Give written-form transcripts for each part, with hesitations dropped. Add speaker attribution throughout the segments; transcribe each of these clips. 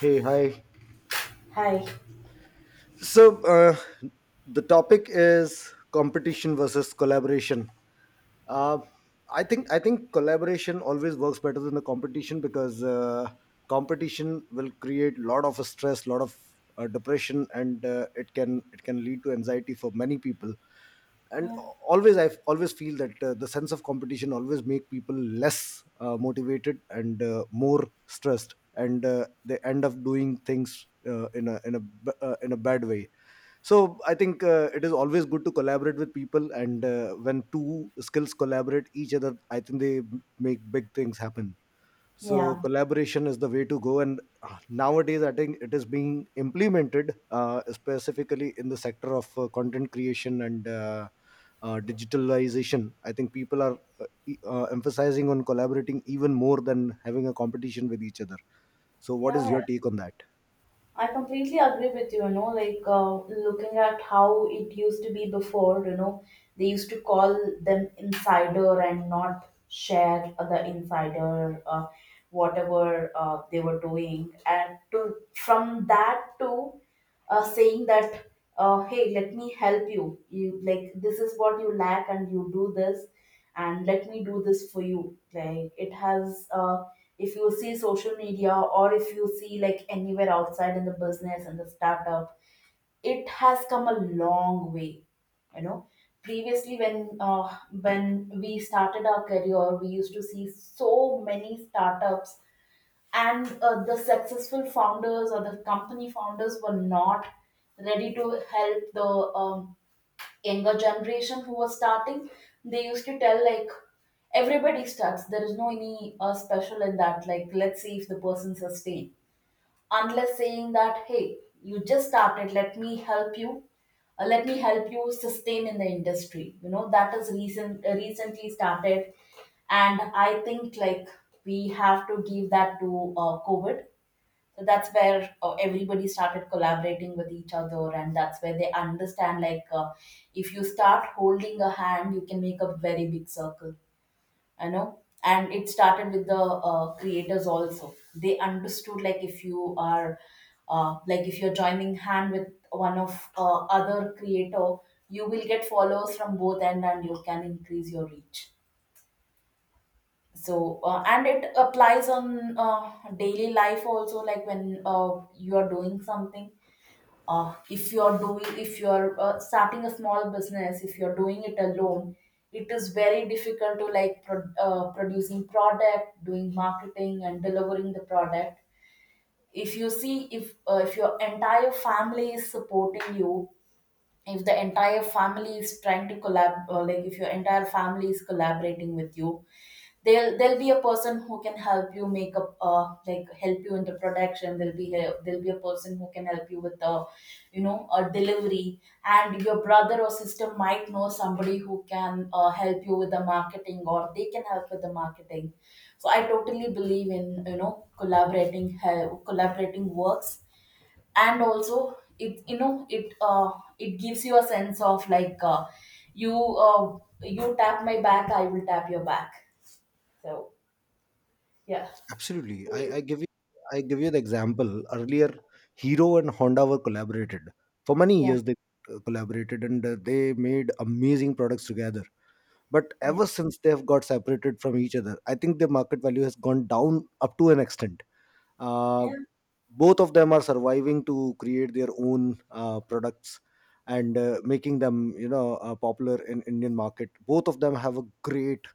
Speaker 1: Hey, hi.
Speaker 2: Hi.
Speaker 1: So, uh, the topic is competition versus collaboration. Uh, I think collaboration always works better than the competition because competition will create lot of stress, lot of depression, and it can lead to anxiety for many people. And
Speaker 2: Yeah.
Speaker 1: always I always feel that the sense of competition always make people less motivated and more stressed and they end up doing things in a in a bad way. So I think it is always good to collaborate with people, and when two skills collaborate each other, I think make big things happen. So
Speaker 2: Yeah.
Speaker 1: collaboration is the way to go, and nowadays I think it is being implemented specifically in the sector of content creation and digitalization. I think people are emphasizing on collaborating even more than having a competition with each other. So what is
Speaker 2: Yeah.
Speaker 1: your take on that?
Speaker 2: I completely agree with you, you know, like looking at how it used to be before, you know, they used to call them insider and not share the insider whatever they were doing. And to from that to saying that hey, let me help you, you like this is what you lack and you do this and let me do this for you, like it has if you see social media or if you see like anywhere outside in the business and the startup, it has come a long way, you know. Previously when when we started our career, we used to see so many startups, and the successful founders or the company founders were not ready to help the younger generation who was starting. They used to tell like everybody starts, there is no any special in that, like let's see if the person sustain, unless saying that hey, you just started, let me help you, let me help you sustain in the industry, you know, that is recent, recently started. And I think like we have to give that to COVID. So that's where everybody started collaborating with each other, and that's where they understand like if you start holding a hand, you can make a very big circle, you know. And it started with the creators also. They understood like if you are like if you're joining hand with one of other creator, you will get followers from both end and you can increase your reach. So and it applies on daily life also, like when you are doing something, if you're doing, if you're starting a small business, if you're doing it alone, it is very difficult to like producing product, doing marketing and delivering the product. If you see, if your entire family is supporting you, if the entire family is trying to collab like if your entire family is collaborating with you, there'll be a person who can help you make up like help you in the production. There'll be a person who can help you with the, you know, a delivery, and your brother or sister might know somebody who can help you with the marketing, or they can help with the marketing. So I totally believe in, you know, collaborating help, collaborating works, and also it, you know, it gives you a sense of like you you tap my back, I will tap your back. So yeah.
Speaker 1: Absolutely. I,
Speaker 2: We,
Speaker 1: I give you I give you the example. Earlier, Hero and Honda were collaborated. For many
Speaker 2: yeah,
Speaker 1: years, they collaborated and they made amazing products together. But
Speaker 2: yeah.
Speaker 1: ever since they have got separated from each other, I think their market value has gone down up to an extent. Uh,
Speaker 2: Yeah,
Speaker 1: Both of them are surviving to create their own products and making them, you know, popular in indian market. Both of them have a great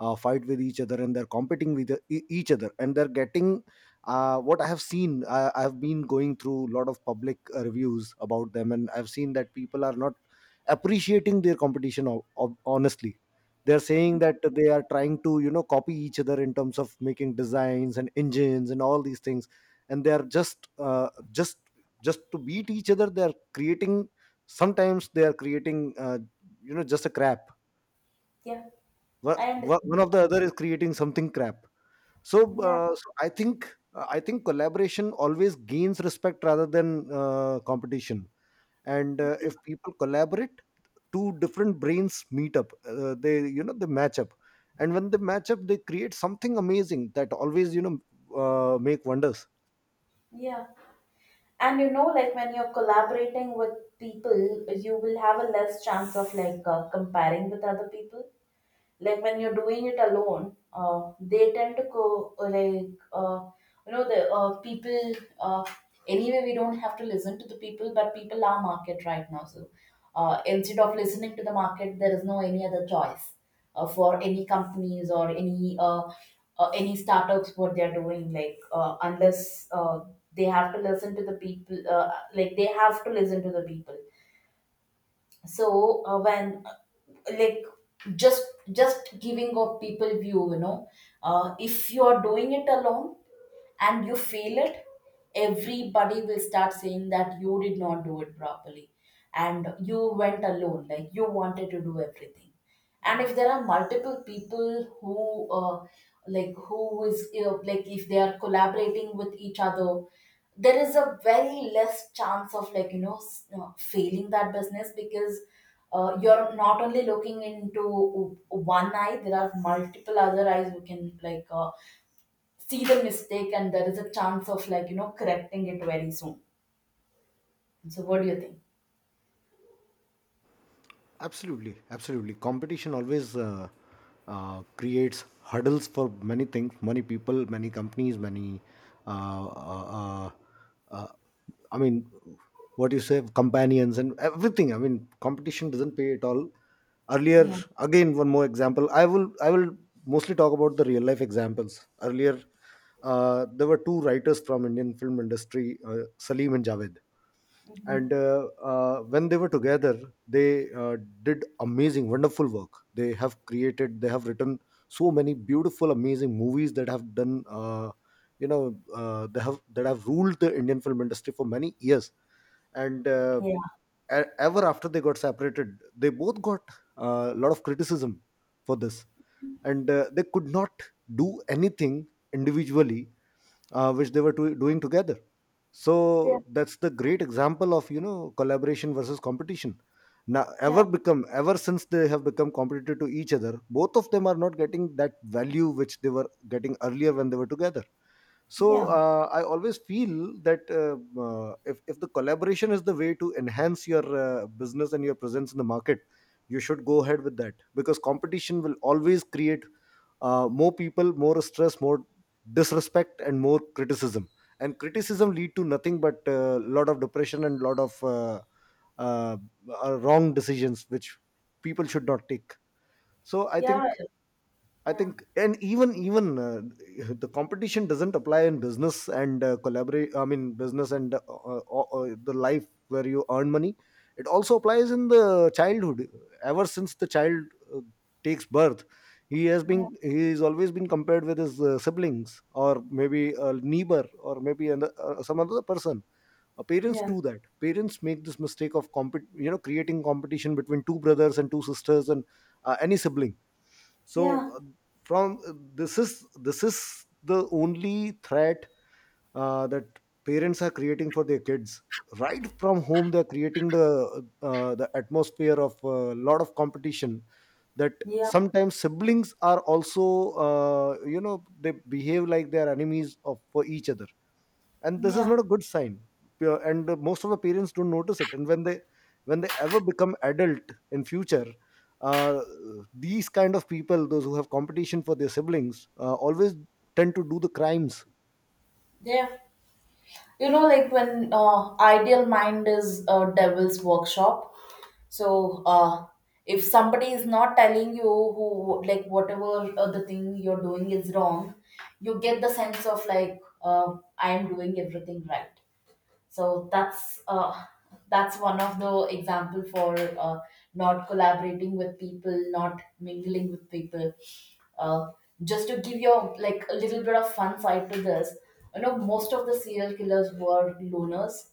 Speaker 1: fight with each other and they're competing with each other and they're getting what I have seen. I've been going through a lot of public reviews about them and I've seen that people are not appreciating their competition honestly. They're saying that they are trying to, you know, copy each other in terms of making designs and engines and all these things, and they are just just to beat each other they are creating. Sometimes they are creating uh, you know, just a crap.
Speaker 2: yeah. I
Speaker 1: One
Speaker 2: understand.
Speaker 1: of the other is creating something crap. so,
Speaker 2: Yeah,
Speaker 1: uh, so I think I think collaboration always gains respect rather than competition. And if people collaborate, two different brains meet up. They, you know, they match up, and when they match up they create something amazing that always, you know, make wonders.
Speaker 2: yeah. And you know, like when you're collaborating with people, you will have a less chance of like comparing with other people, like when you're doing it alone, they tend to go you know the people, uh, anyway, we don't have to listen to the people, but people are market right now. So instead of listening to the market, there is no any other choice for any companies or any startups, what they're doing, like unless they have to listen to the people, like they have to listen to the people. So when like just just giving of people view, you know, if you are doing it alone and you fail it, everybody will start saying that you did not do it properly, and you went alone, like you wanted to do everything. And if there are multiple people who, like, who is, you know, like, if they are collaborating with each other, there is a very less chance of, like, you know, failing that business, because you're not only looking into one eye, there are multiple other eyes who can like see the mistake, and there is a chance of like, you know, correcting it very soon. So what do you think?
Speaker 1: Absolutely, absolutely. Competition always creates hurdles for many things, many people, many companies, many. Uh, uh, uh, uh, I mean, what you say, companions and everything. I mean, competition doesn't pay at all. Earlier,
Speaker 2: Yeah.
Speaker 1: again, one more example. I will mostly talk about the real life examples. Earlier, there were two writers from Indian film industry, Salim and Javed.
Speaker 2: Hmm.
Speaker 1: And when they were together they did amazing wonderful work. They have written so many beautiful amazing movies that have done you know, they have that have ruled the indian film industry for many years. And
Speaker 2: Yeah,
Speaker 1: ever after they got separated, they both got a lot of criticism for this, and they could not do anything individually, which they were doing together.
Speaker 2: yeah.
Speaker 1: So that's the great example of, you know, collaboration versus competition. Now
Speaker 2: Yeah,
Speaker 1: ever since they have become competitive to each other, both of them are not getting that value which they were getting earlier when they were together. So I always feel that if the collaboration is the way to enhance your business and your presence in the market, you should go ahead with that, because competition will always create more people, more stress, more disrespect and more criticism. And criticism lead to nothing but a lot of depression and lot of uh, wrong decisions which people should not take. So I
Speaker 2: yeah,
Speaker 1: think
Speaker 2: yeah,
Speaker 1: and even the competition doesn't apply in business and collaborate. I mean, business and the life where you earn money. It also applies in the childhood. Ever since the child uh, takes birth,
Speaker 2: yeah,
Speaker 1: he has always been compared with his siblings or maybe a neighbor or maybe an, some other person.
Speaker 2: yeah,
Speaker 1: Parents
Speaker 2: yeah,
Speaker 1: do that. Parents make this mistake of you know, creating competition between two brothers and two sisters and any sibling. So
Speaker 2: yeah,
Speaker 1: from this is the only threat that parents are creating for their kids. Right from home they're creating the atmosphere of a lot of competition, that
Speaker 2: yeah,
Speaker 1: sometimes siblings are also you know, they behave like they are enemies of for each other. And this is
Speaker 2: yeah,
Speaker 1: not a good sign. Pure- and Most of the parents don't notice it. And when they ever become adult in future, uh, these kind of people, those who have competition for their siblings, always tend to do the crimes.
Speaker 2: yeah, You know, like when ideal mind is a devil's workshop. So if somebody is not telling you who, like whatever the thing you're doing is wrong, you get the sense of like I am doing everything right. So that's one of the example for not collaborating with people, not mingling with people. uh, just to give you like a little bit of fun side to this, you know, most of the serial killers were loners.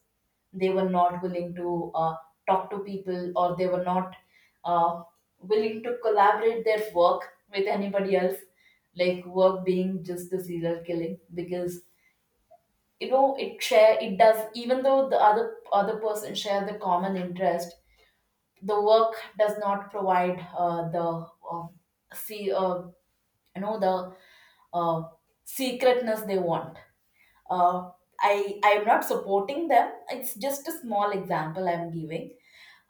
Speaker 2: They were not willing to talk to people, or they were not uh, willing to collaborate their work with anybody else, like work being just the serial killing, because, you know, it share, it does, even though the other person share the common interest, the work does not provide the see you know, the uh, secretness they want. uh, I am not supporting them. It's just a small example I'm giving.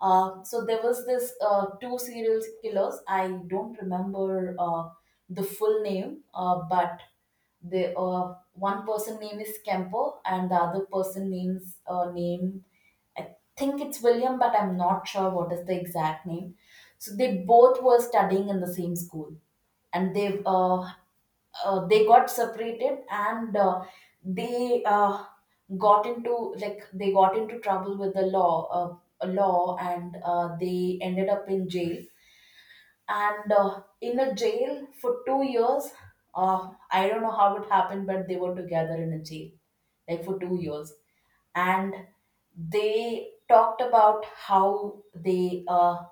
Speaker 2: So there was this two serial killers. I don't remember the full name, but the one person name is Kemper, and the other person name's name I think it's William, but I'm not sure what is the exact name. So they both were studying in the same school, and they got separated, and they got into, like they got into trouble with the law, law, and they ended up in jail and in a jail for 2 years. I don't know how it happened, but they were together in a jail, like for 2 years, and they talked about how they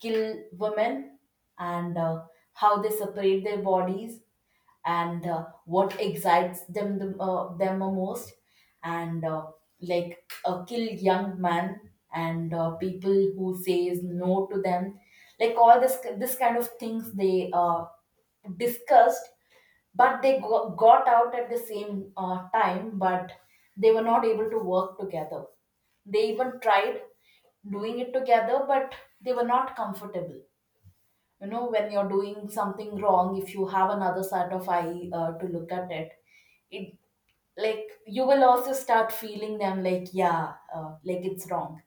Speaker 2: kill women, and how they separate their bodies, and what excites them the most, and kill young man, and people who says no to them, like all this kind of things they discussed. But they got out at the same time, but they were not able to work together. They even tried doing it together, but they were not comfortable. You know, when you're doing something wrong, if you have another set of eye to look at it, it like you will also start feeling them like yeah, like it's wrong,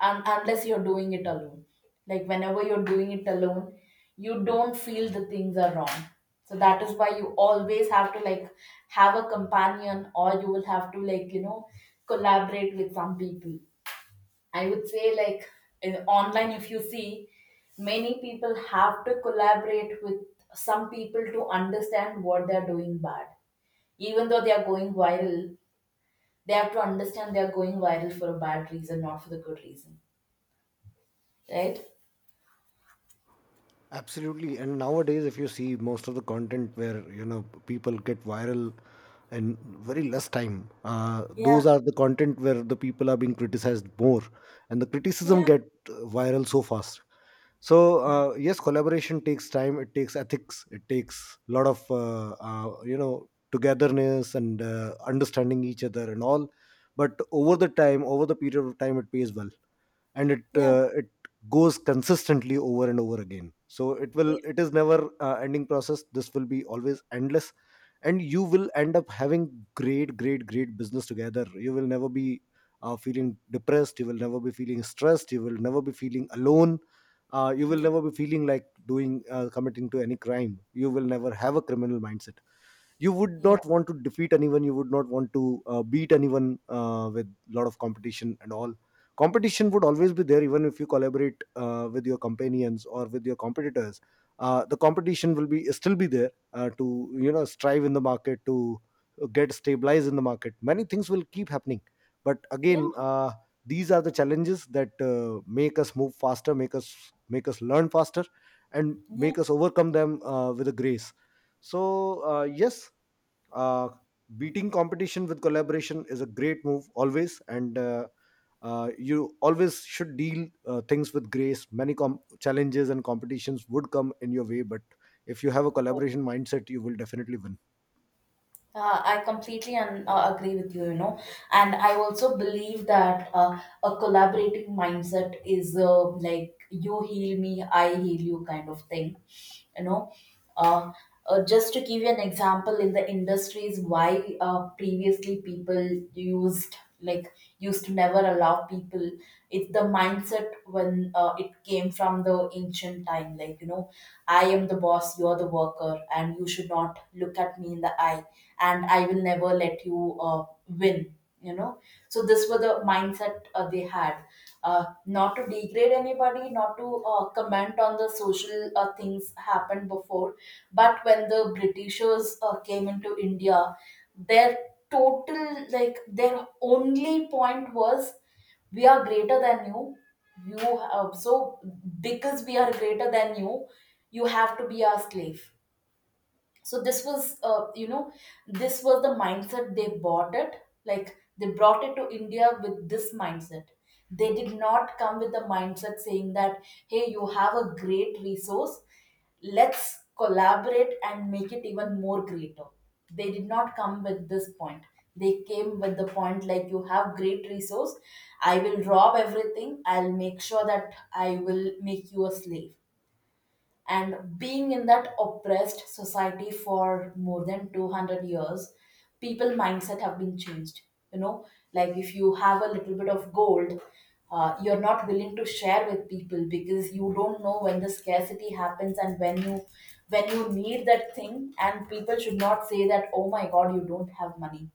Speaker 2: and unless you're doing it alone. Like whenever you're doing it alone, you don't feel the things are wrong. So that is why you always have to like have a companion, or you will have to like, you know, collaborate with some people. I would say like in online, if you see, many people have to collaborate with some people to understand what they're doing bad. Even though they are going viral, they have to understand they are going viral for a bad reason, not for the good reason. Right?
Speaker 1: Absolutely. And nowadays if you see most of the content where, you know, people get viral in very less time,
Speaker 2: Yeah.
Speaker 1: those are the content where the people are being criticized more, and the
Speaker 2: Yeah.
Speaker 1: criticism get viral so fast. So yes, collaboration takes time. It takes ethics. It takes a lot of you know, togetherness and understanding each other and all. But over the time, over the period of time, it pays well, and it
Speaker 2: Yeah.
Speaker 1: it goes consistently over and over again. So
Speaker 2: Yeah.
Speaker 1: it is never ending process. This will be always endless, and you will end up having great great great business together. You will never be feeling depressed. You will never be feeling stressed. You will never be feeling alone. You will
Speaker 2: Yeah.
Speaker 1: never be feeling like doing committing to any crime. You will never have a criminal mindset. You would
Speaker 2: Yeah.
Speaker 1: not want to defeat anyone. You would not want to beat anyone with a lot of competition and all. Competition would always be there, even if you collaborate with your companions or with your competitors. The competition will be still be there to, you know, strive in the market, to get stabilized in the market. Many things will keep happening. But
Speaker 2: Yeah.
Speaker 1: again, these are the challenges that make us move faster, make us learn faster, and make us overcome them with a grace. So yes uh, beating competition with collaboration is a great move always. And you always should deal things with grace. Many challenges and competitions would come in your way, but if you have a
Speaker 2: Yeah.
Speaker 1: collaboration mindset, you will definitely win.
Speaker 2: I completely agree with you, you know, and I also believe that a collaborating mindset is like you heal me, I heal you kind of thing, you know. Uh, just to give you an example in the industries, why previously people used like used to never allow people. It's the mindset when it came from the ancient time, like you know, I am the boss, you're the worker, and you should not look at me in the eye, and I will never let you win, you know. So this was the mindset they had, not to degrade anybody, not to comment on the social things happened before. But when the britishers came into india, their total like their only point was we are greater than you, you have, so because we are greater than you, you have to be our slave. So this was, you know, this was the mindset they bought it, like they brought it to india with this mindset. They did not come with the mindset saying that hey, you have a great resource, let's collaborate and make it even more greater. They did not come with this point. They came with the point like you have great resource, I will rob everything, I'll make sure that I will make you a slave. And being in that oppressed society for more than 200 years, people mindset have been changed, you know. Like if you have a little bit of gold, you're not willing to share with people, because you don't know when the scarcity happens and when you, when you need that thing, and people should not say that oh my god, you don't have money.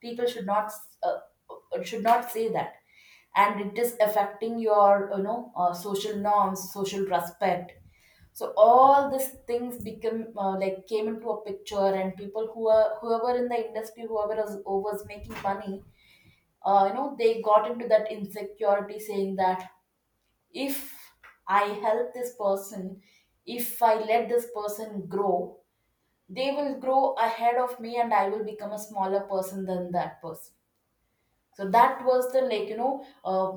Speaker 2: People uh, should not say that. And it is affecting your, you know, social norms, social respect. So all these things become like came into a picture. And people who are whoever in the industry, whoever is was making money, they got into that insecurity saying that if I help this person, if I let this person grow, they will grow ahead of me and I will become a smaller person than that person. So that was the like you know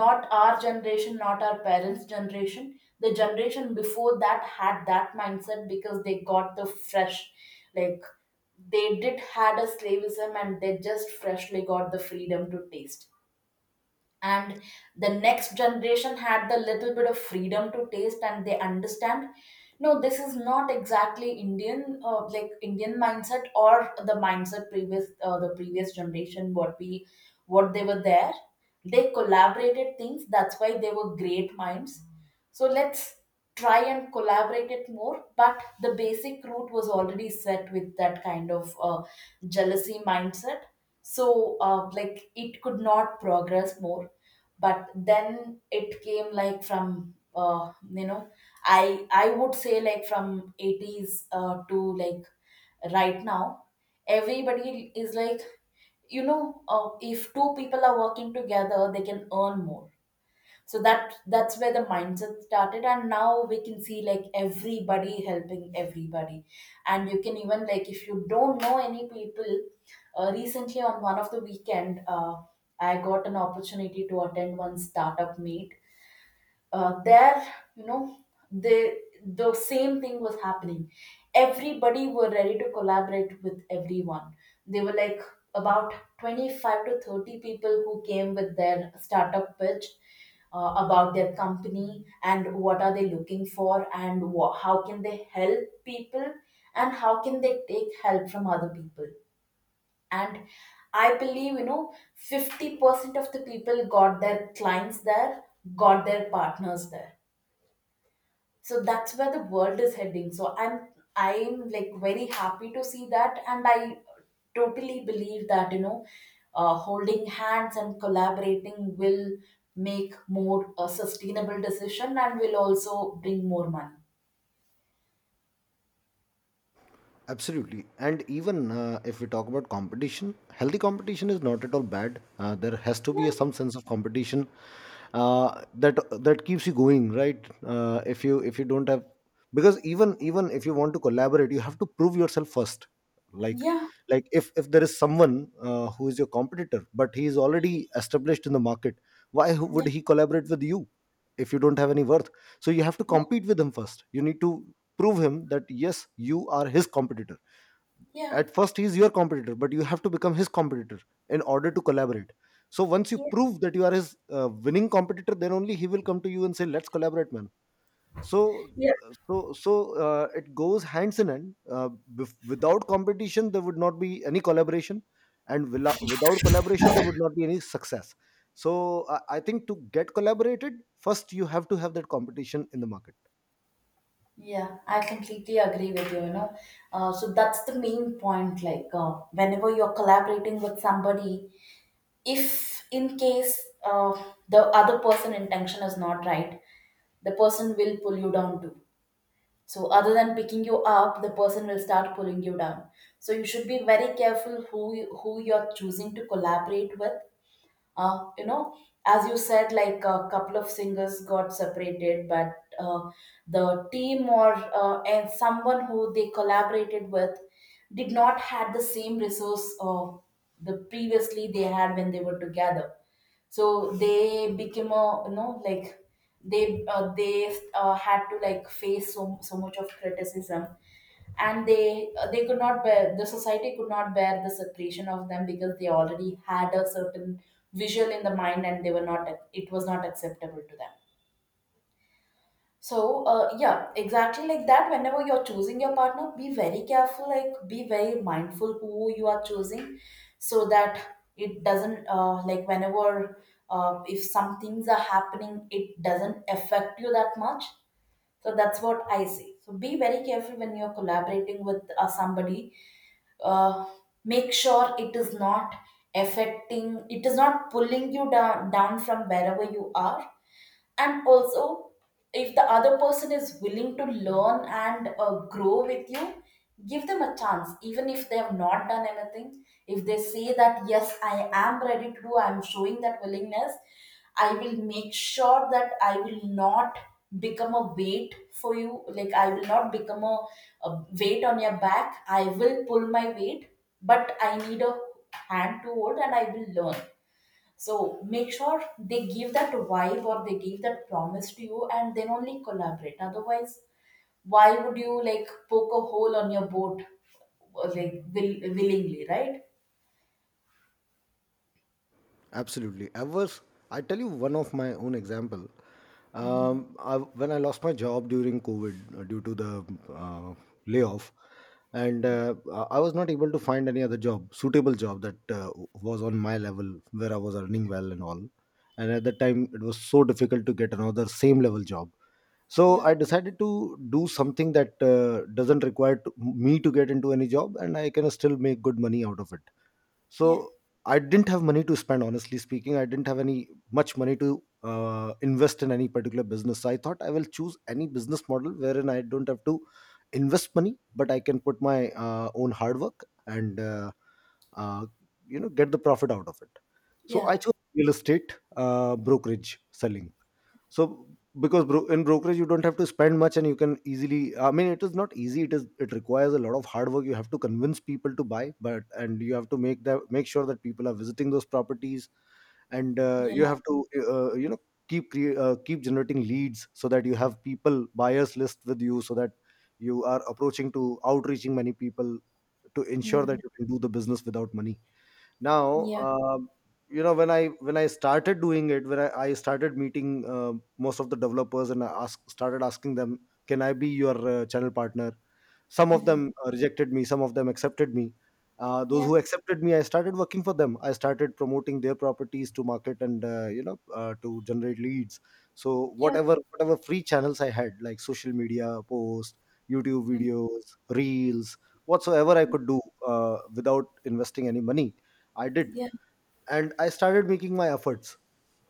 Speaker 2: not our generation, not our parents generation, the generation before that had that mindset because they got the fresh, like, they did had a slavism and they just freshly got the freedom to taste. And the next generation had the little bit of freedom to taste and they understand, no, this is not exactly Indian, like, Indian mindset or the previous generation, what they were there. They collaborated things, that's why they were great minds. So let's try and collaborate it more, but the basic root was already set with that kind of jealousy mindset. So like it could not progress more. But then it came, like, from, I would say, like, from 80s to, like, right now. Everybody is like, you know, if two people are working together, they can earn more. So that's where the mindset started, and now we can see, like, everybody helping everybody. And you can even, like, if you don't know any people, recently on one of the weekend, I got an opportunity to attend one startup meet. There, you know, they, the same thing was happening. Everybody were ready to collaborate with everyone. They were like about 25 to 30 people who came with their startup pitch about their company and what are they looking for and how can they help people and how can they take help from other people. And I believe, you know, 50% of the people got their clients there, got their partners there. So that's where the world is heading. So I'm like very happy to see that. And I totally believe that, you know, holding hands and collaborating will make more a sustainable decision and will also bring more money.
Speaker 1: Absolutely. And even if we talk about competition, healthy competition is not at all bad. There has to be a, some sense of competition that keeps you going, right? If you don't have, because even if you want to collaborate, you have to prove yourself first. Like
Speaker 2: Yeah.
Speaker 1: if there is someone who is your competitor, but he is already established in the market, why would he collaborate with you if you don't have any worth? So you have to
Speaker 2: Yeah.
Speaker 1: compete with him first. You need to prove him that yes, you are his competitor.
Speaker 2: Yeah.
Speaker 1: At first he is your competitor, but you have to become his competitor in order to collaborate. So once you prove that you are his winning competitor, then only he will come to you and say, let's collaborate, man. So
Speaker 2: Yeah.
Speaker 1: so so it goes hands in hand. Without competition there would not be any collaboration, and without collaboration there would not be any success. So I think to get collaborated, first you have to have that competition in the market.
Speaker 2: Yeah, I completely agree with you, you know. So that's the main point. Like, whenever you're collaborating with somebody, if in case, the other person intention is not right, the person will pull you down too. So other than picking you up, the person will start pulling you down. So you should be very careful who you're choosing to collaborate with. uh, you know as you said, like, a couple of singers got separated, but uh, the team, or and someone who they collaborated with did not had the same resource, the previously they had when they were together. So they became a, you know, like, they had to, like, face so, so much of criticism. And they could not bear, the society could not bear the separation of them because they already had a certain visual in the mind and they were not it was not acceptable to them. So, yeah, exactly like that. Whenever you're choosing your partner, be very careful, like, be very mindful who you are choosing, so that it doesn't, like, whenever, if some things are happening, it doesn't affect you that much. So that's what I say. So be very careful when you're collaborating with, somebody. Uh, Make sure it is not affecting, it is not pulling you down, down from wherever you are. And also, if the other person is willing to learn and grow with you, give them a chance. Even if they have not done anything, if they say that yes, I am ready to do, I am showing that willingness, I will make sure that I will not become a weight for you, like I will not become a weight on your back, I will pull my weight, but I need a hand to hold and I will learn. So make sure they give that vibe or they give that promise to you, and then only collaborate. Otherwise, why would you, like, poke a hole on your boat, like, willingly, right?
Speaker 1: Absolutely. I tell you one of my own example. When I lost my job during COVID due to the uh, layoff, and I was not able to find any other job, suitable job that was on my level where I was earning well and all. And at that time, it was so difficult to get another same level job. So
Speaker 2: Yeah,
Speaker 1: I decided to do something that doesn't require to, me to get into any job, and I can still make good money out of it, so
Speaker 2: yeah,
Speaker 1: I didn't have money to spend, honestly speaking. I didn't have any much money to invest in any particular business. So I thought I will choose any business model wherein I don't have to invest money, but I can put my own hard work and uh, you know, get the profit out of it. So
Speaker 2: yeah,
Speaker 1: I chose real estate brokerage selling. So in brokerage you don't have to spend much, and you can easily, I mean it is not easy, it requires a lot of hard work. You have to convince people to buy, but and you have to make sure that people are visiting those properties. And
Speaker 2: yeah,
Speaker 1: you have to, you know, keep generating leads, so that you have people buyers list with you, so that you are approaching to outreaching many people, to ensure that
Speaker 2: mm,
Speaker 1: you can do the business without money. Now,
Speaker 2: yeah,
Speaker 1: you know, when I when I started doing it, I started meeting, most of the developers, and started asking them, can I be your channel partner? Some of
Speaker 2: mm-hmm.
Speaker 1: them rejected me, some of them accepted me. Those
Speaker 2: Yeah,
Speaker 1: who accepted me, I started working for them, I started promoting their properties to market, and to generate leads. So
Speaker 2: yeah,
Speaker 1: whatever free channels I had, like social media posts, YouTube
Speaker 2: mm,
Speaker 1: videos, reels, whatsoever I could do without investing any money, I did.
Speaker 2: yeah,
Speaker 1: And I started making my efforts,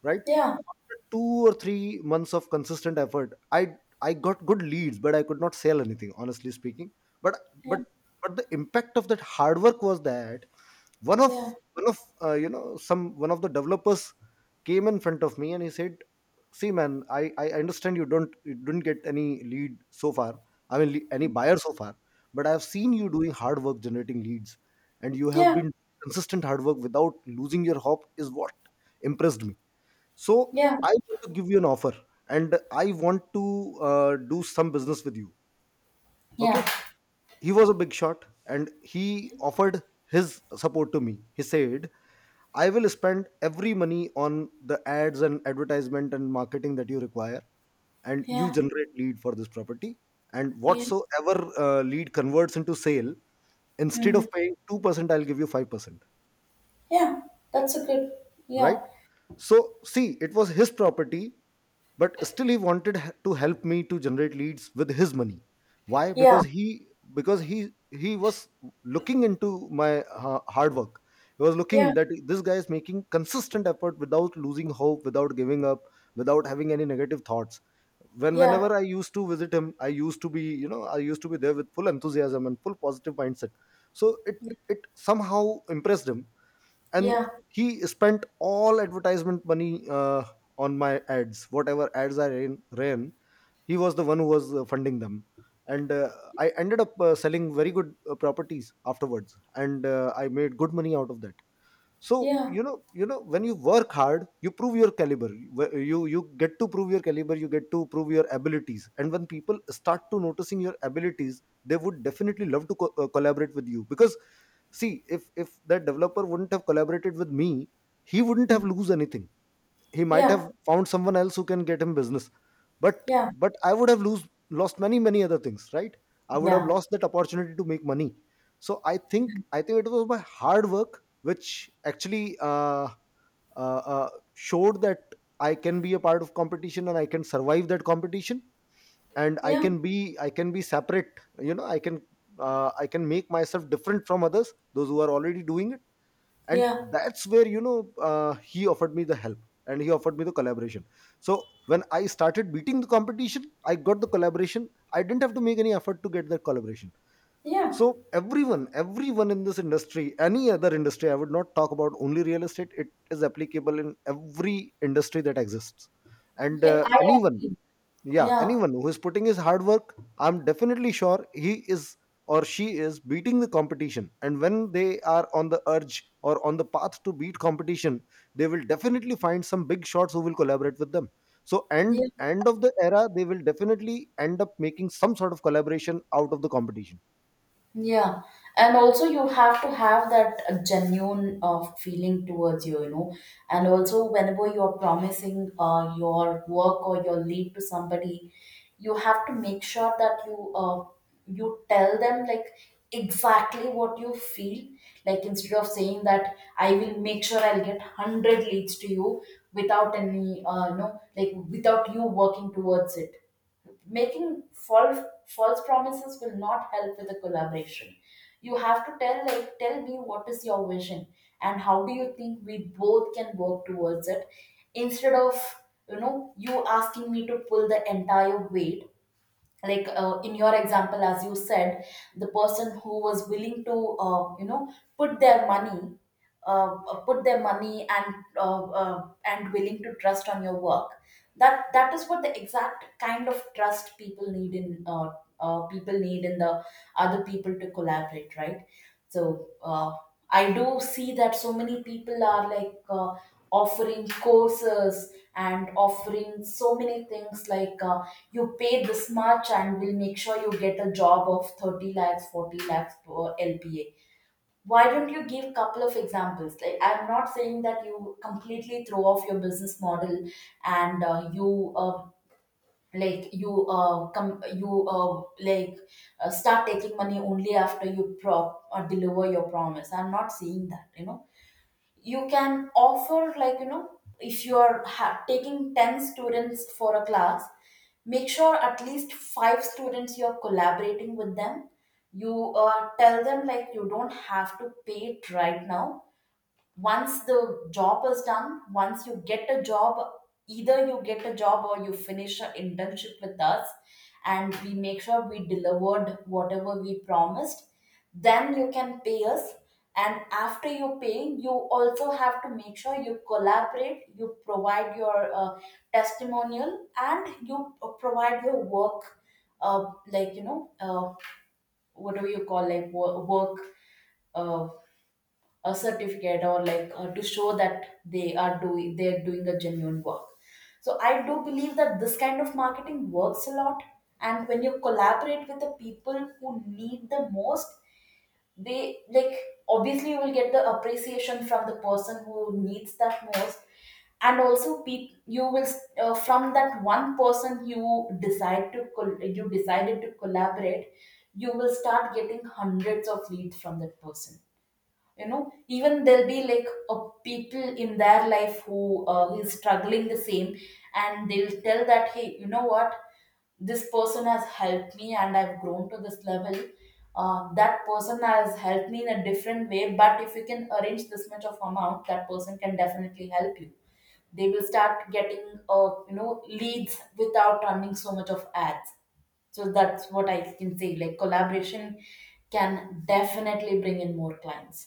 Speaker 1: right?
Speaker 2: yeah,
Speaker 1: After two or three months of consistent effort, I got good leads, but I could not sell anything, honestly speaking. But
Speaker 2: yeah,
Speaker 1: but but the impact of that hard work was that one of
Speaker 2: yeah,
Speaker 1: one of you know some one of the developers came in front of me and he said, see man, I understand, you didn't get any lead so far, I mean any buyer so far, but I have seen you doing hard work, generating leads. And you have
Speaker 2: yeah,
Speaker 1: been consistent, hard work without losing your hope is what impressed me. So
Speaker 2: yeah,
Speaker 1: I want to give you an offer, and I want to do some business with you,
Speaker 2: yeah,
Speaker 1: okay? He was a big shot, and he offered his support to me. He said, I will spend every money on the ads and advertisement and marketing that you require, and you
Speaker 2: yeah,
Speaker 1: generate lead for this property. And
Speaker 2: yeah,
Speaker 1: whatsoever lead converts into sale, instead
Speaker 2: mm-hmm.
Speaker 1: of paying 2%, I'll give you 5%,
Speaker 2: Yeah. That's a good,
Speaker 1: right?
Speaker 2: yeah,
Speaker 1: So, see, it was his property, but still he wanted to help me to generate leads with his money. Why?
Speaker 2: yeah,
Speaker 1: Because he was looking into my hard work. He was looking
Speaker 2: yeah,
Speaker 1: that this guy is making consistent effort without losing hope, without giving up, without having any negative thoughts.
Speaker 2: yeah,
Speaker 1: Whenever I used to visit him, I used to be, you know, I used to be there with full enthusiasm and full positive mindset. So it
Speaker 2: yeah,
Speaker 1: it somehow impressed him. And
Speaker 2: yeah,
Speaker 1: he spent all advertisement money on my ads, whatever ads ran, he was the one who was funding them. And I ended up selling very good properties afterwards, and I made good money out of that. So
Speaker 2: yeah,
Speaker 1: you know, when you work hard, you prove your caliber, you get to prove your caliber, you get to prove your abilities. And when people start to noticing your abilities, they would definitely love to collaborate with you. Because see, if that developer wouldn't have collaborated with me, he wouldn't have
Speaker 2: mm,
Speaker 1: lose anything. He might
Speaker 2: yeah.
Speaker 1: have found someone else who can get him business. But
Speaker 2: Yeah,
Speaker 1: I would have lose lost many many other things, right? I would have
Speaker 2: yeah,
Speaker 1: lost that opportunity to make money. So I think it was my hard work which actually showed that I can be a part of competition, and I can survive that competition. And
Speaker 2: yeah,
Speaker 1: I can be separate, you know, I can make myself different from others, those who are already doing it. And
Speaker 2: yeah,
Speaker 1: that's where, you know, he offered me the help, and he offered me the collaboration. So when I started beating the competition, I got the collaboration, I didn't have to make any effort to get that collaboration.
Speaker 2: yeah,
Speaker 1: So everyone in this industry, any other industry, I would not talk about only real estate, it is applicable in every industry that exists. And
Speaker 2: yeah, I
Speaker 1: anyone,
Speaker 2: agree. Yeah,
Speaker 1: yeah,
Speaker 2: yeah.
Speaker 1: anyone who is putting his hard work, I'm definitely sure he is or she is beating the competition. And when they are on the urge or on the path to beat competition, they will definitely find some big shots who will collaborate with them. So end of the era, they will definitely end up making some sort of collaboration out of the competition.
Speaker 2: Yeah, and also you have to have that genuine feeling towards you, you know. And also, whenever you're promising your work or your lead to somebody, you have to make sure that you tell them, like, exactly what you feel. Like, instead of saying that I will make sure I'll get 100 leads to you without any, like, without you working towards it, making false promises will not help with the collaboration. You have to tell, like, tell me what is your vision and how do you think we both can work towards it, instead of, you know, you asking me to pull the entire weight. Like, in your example, as you said, the person who was willing to, put their money, put their money and willing to trust on your work, that is what the exact kind of trust people need in, people need in the other people to collaborate, right? So I do see that so many people are like, offering courses and offering so many things, like, you pay this much and we'll make sure you get a job of 30 lakhs 40 lakhs per lpa. Why don't you give a couple of examples? Like, I'm not saying that you completely throw off your business model and you like you com- you like start taking money only after you deliver your promise. I'm not saying that, you know, you can offer, like, you know, if you're taking 10 students for a class, make sure at least 5 students you're collaborating with them. You tell them, like, you don't have to pay it right now. Once the job is done, once you get a job, either you get a job or you finish an internship with us and we make sure we delivered whatever we promised, then you can pay us. And after you pay, you also have to make sure you collaborate, you provide your testimonial and you provide your work, uh, like you know uh, what do you call, like, work, uh, a certificate, or, like, to show that they're doing a genuine work. So I do believe that this kind of marketing works a lot. And when you collaborate with the people who need the most, they, like, obviously you will get the appreciation from the person who needs that most. And also, you will, from that one person you decided to collaborate, you will start getting hundreds of leads from that person. You know, even there'll be like a people in their life who, is struggling the same, and they'll tell that, hey, you know what, this person has helped me and I've grown to this level. That person has helped me in a different way, but if you can arrange this much of amount, that person can definitely help you. They will start getting, leads without running so much of ads. So that's what I can say, like, collaboration can definitely bring in more clients.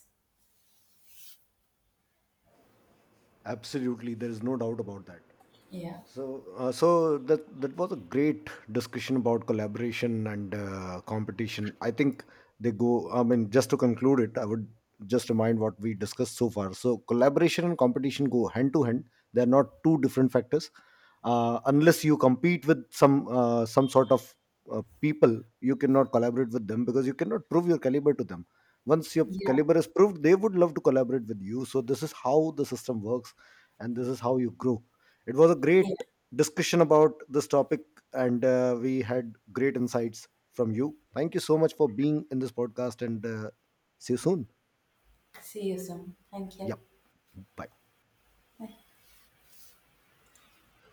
Speaker 1: Absolutely, there is no doubt about that.
Speaker 2: Yeah.
Speaker 1: So, so that was a great discussion about collaboration and competition. I think they go, I mean, just to conclude it, I would just remind what we discussed so far. So, collaboration and competition go hand to hand. They are not two different factors. Unless you compete with some sort of people, you cannot collaborate with them, because you cannot prove your caliber to them. Once your
Speaker 2: Yeah.
Speaker 1: caliber is proved, they would love to collaborate with you. So, this is how the system works, and this is how you grow. It was a
Speaker 2: Yeah.
Speaker 1: great discussion about this topic, and we had great insights from you. Thank you so much for being in this podcast, and see you soon.
Speaker 2: See you soon. Thank
Speaker 1: Yeah,
Speaker 2: you.
Speaker 1: bye.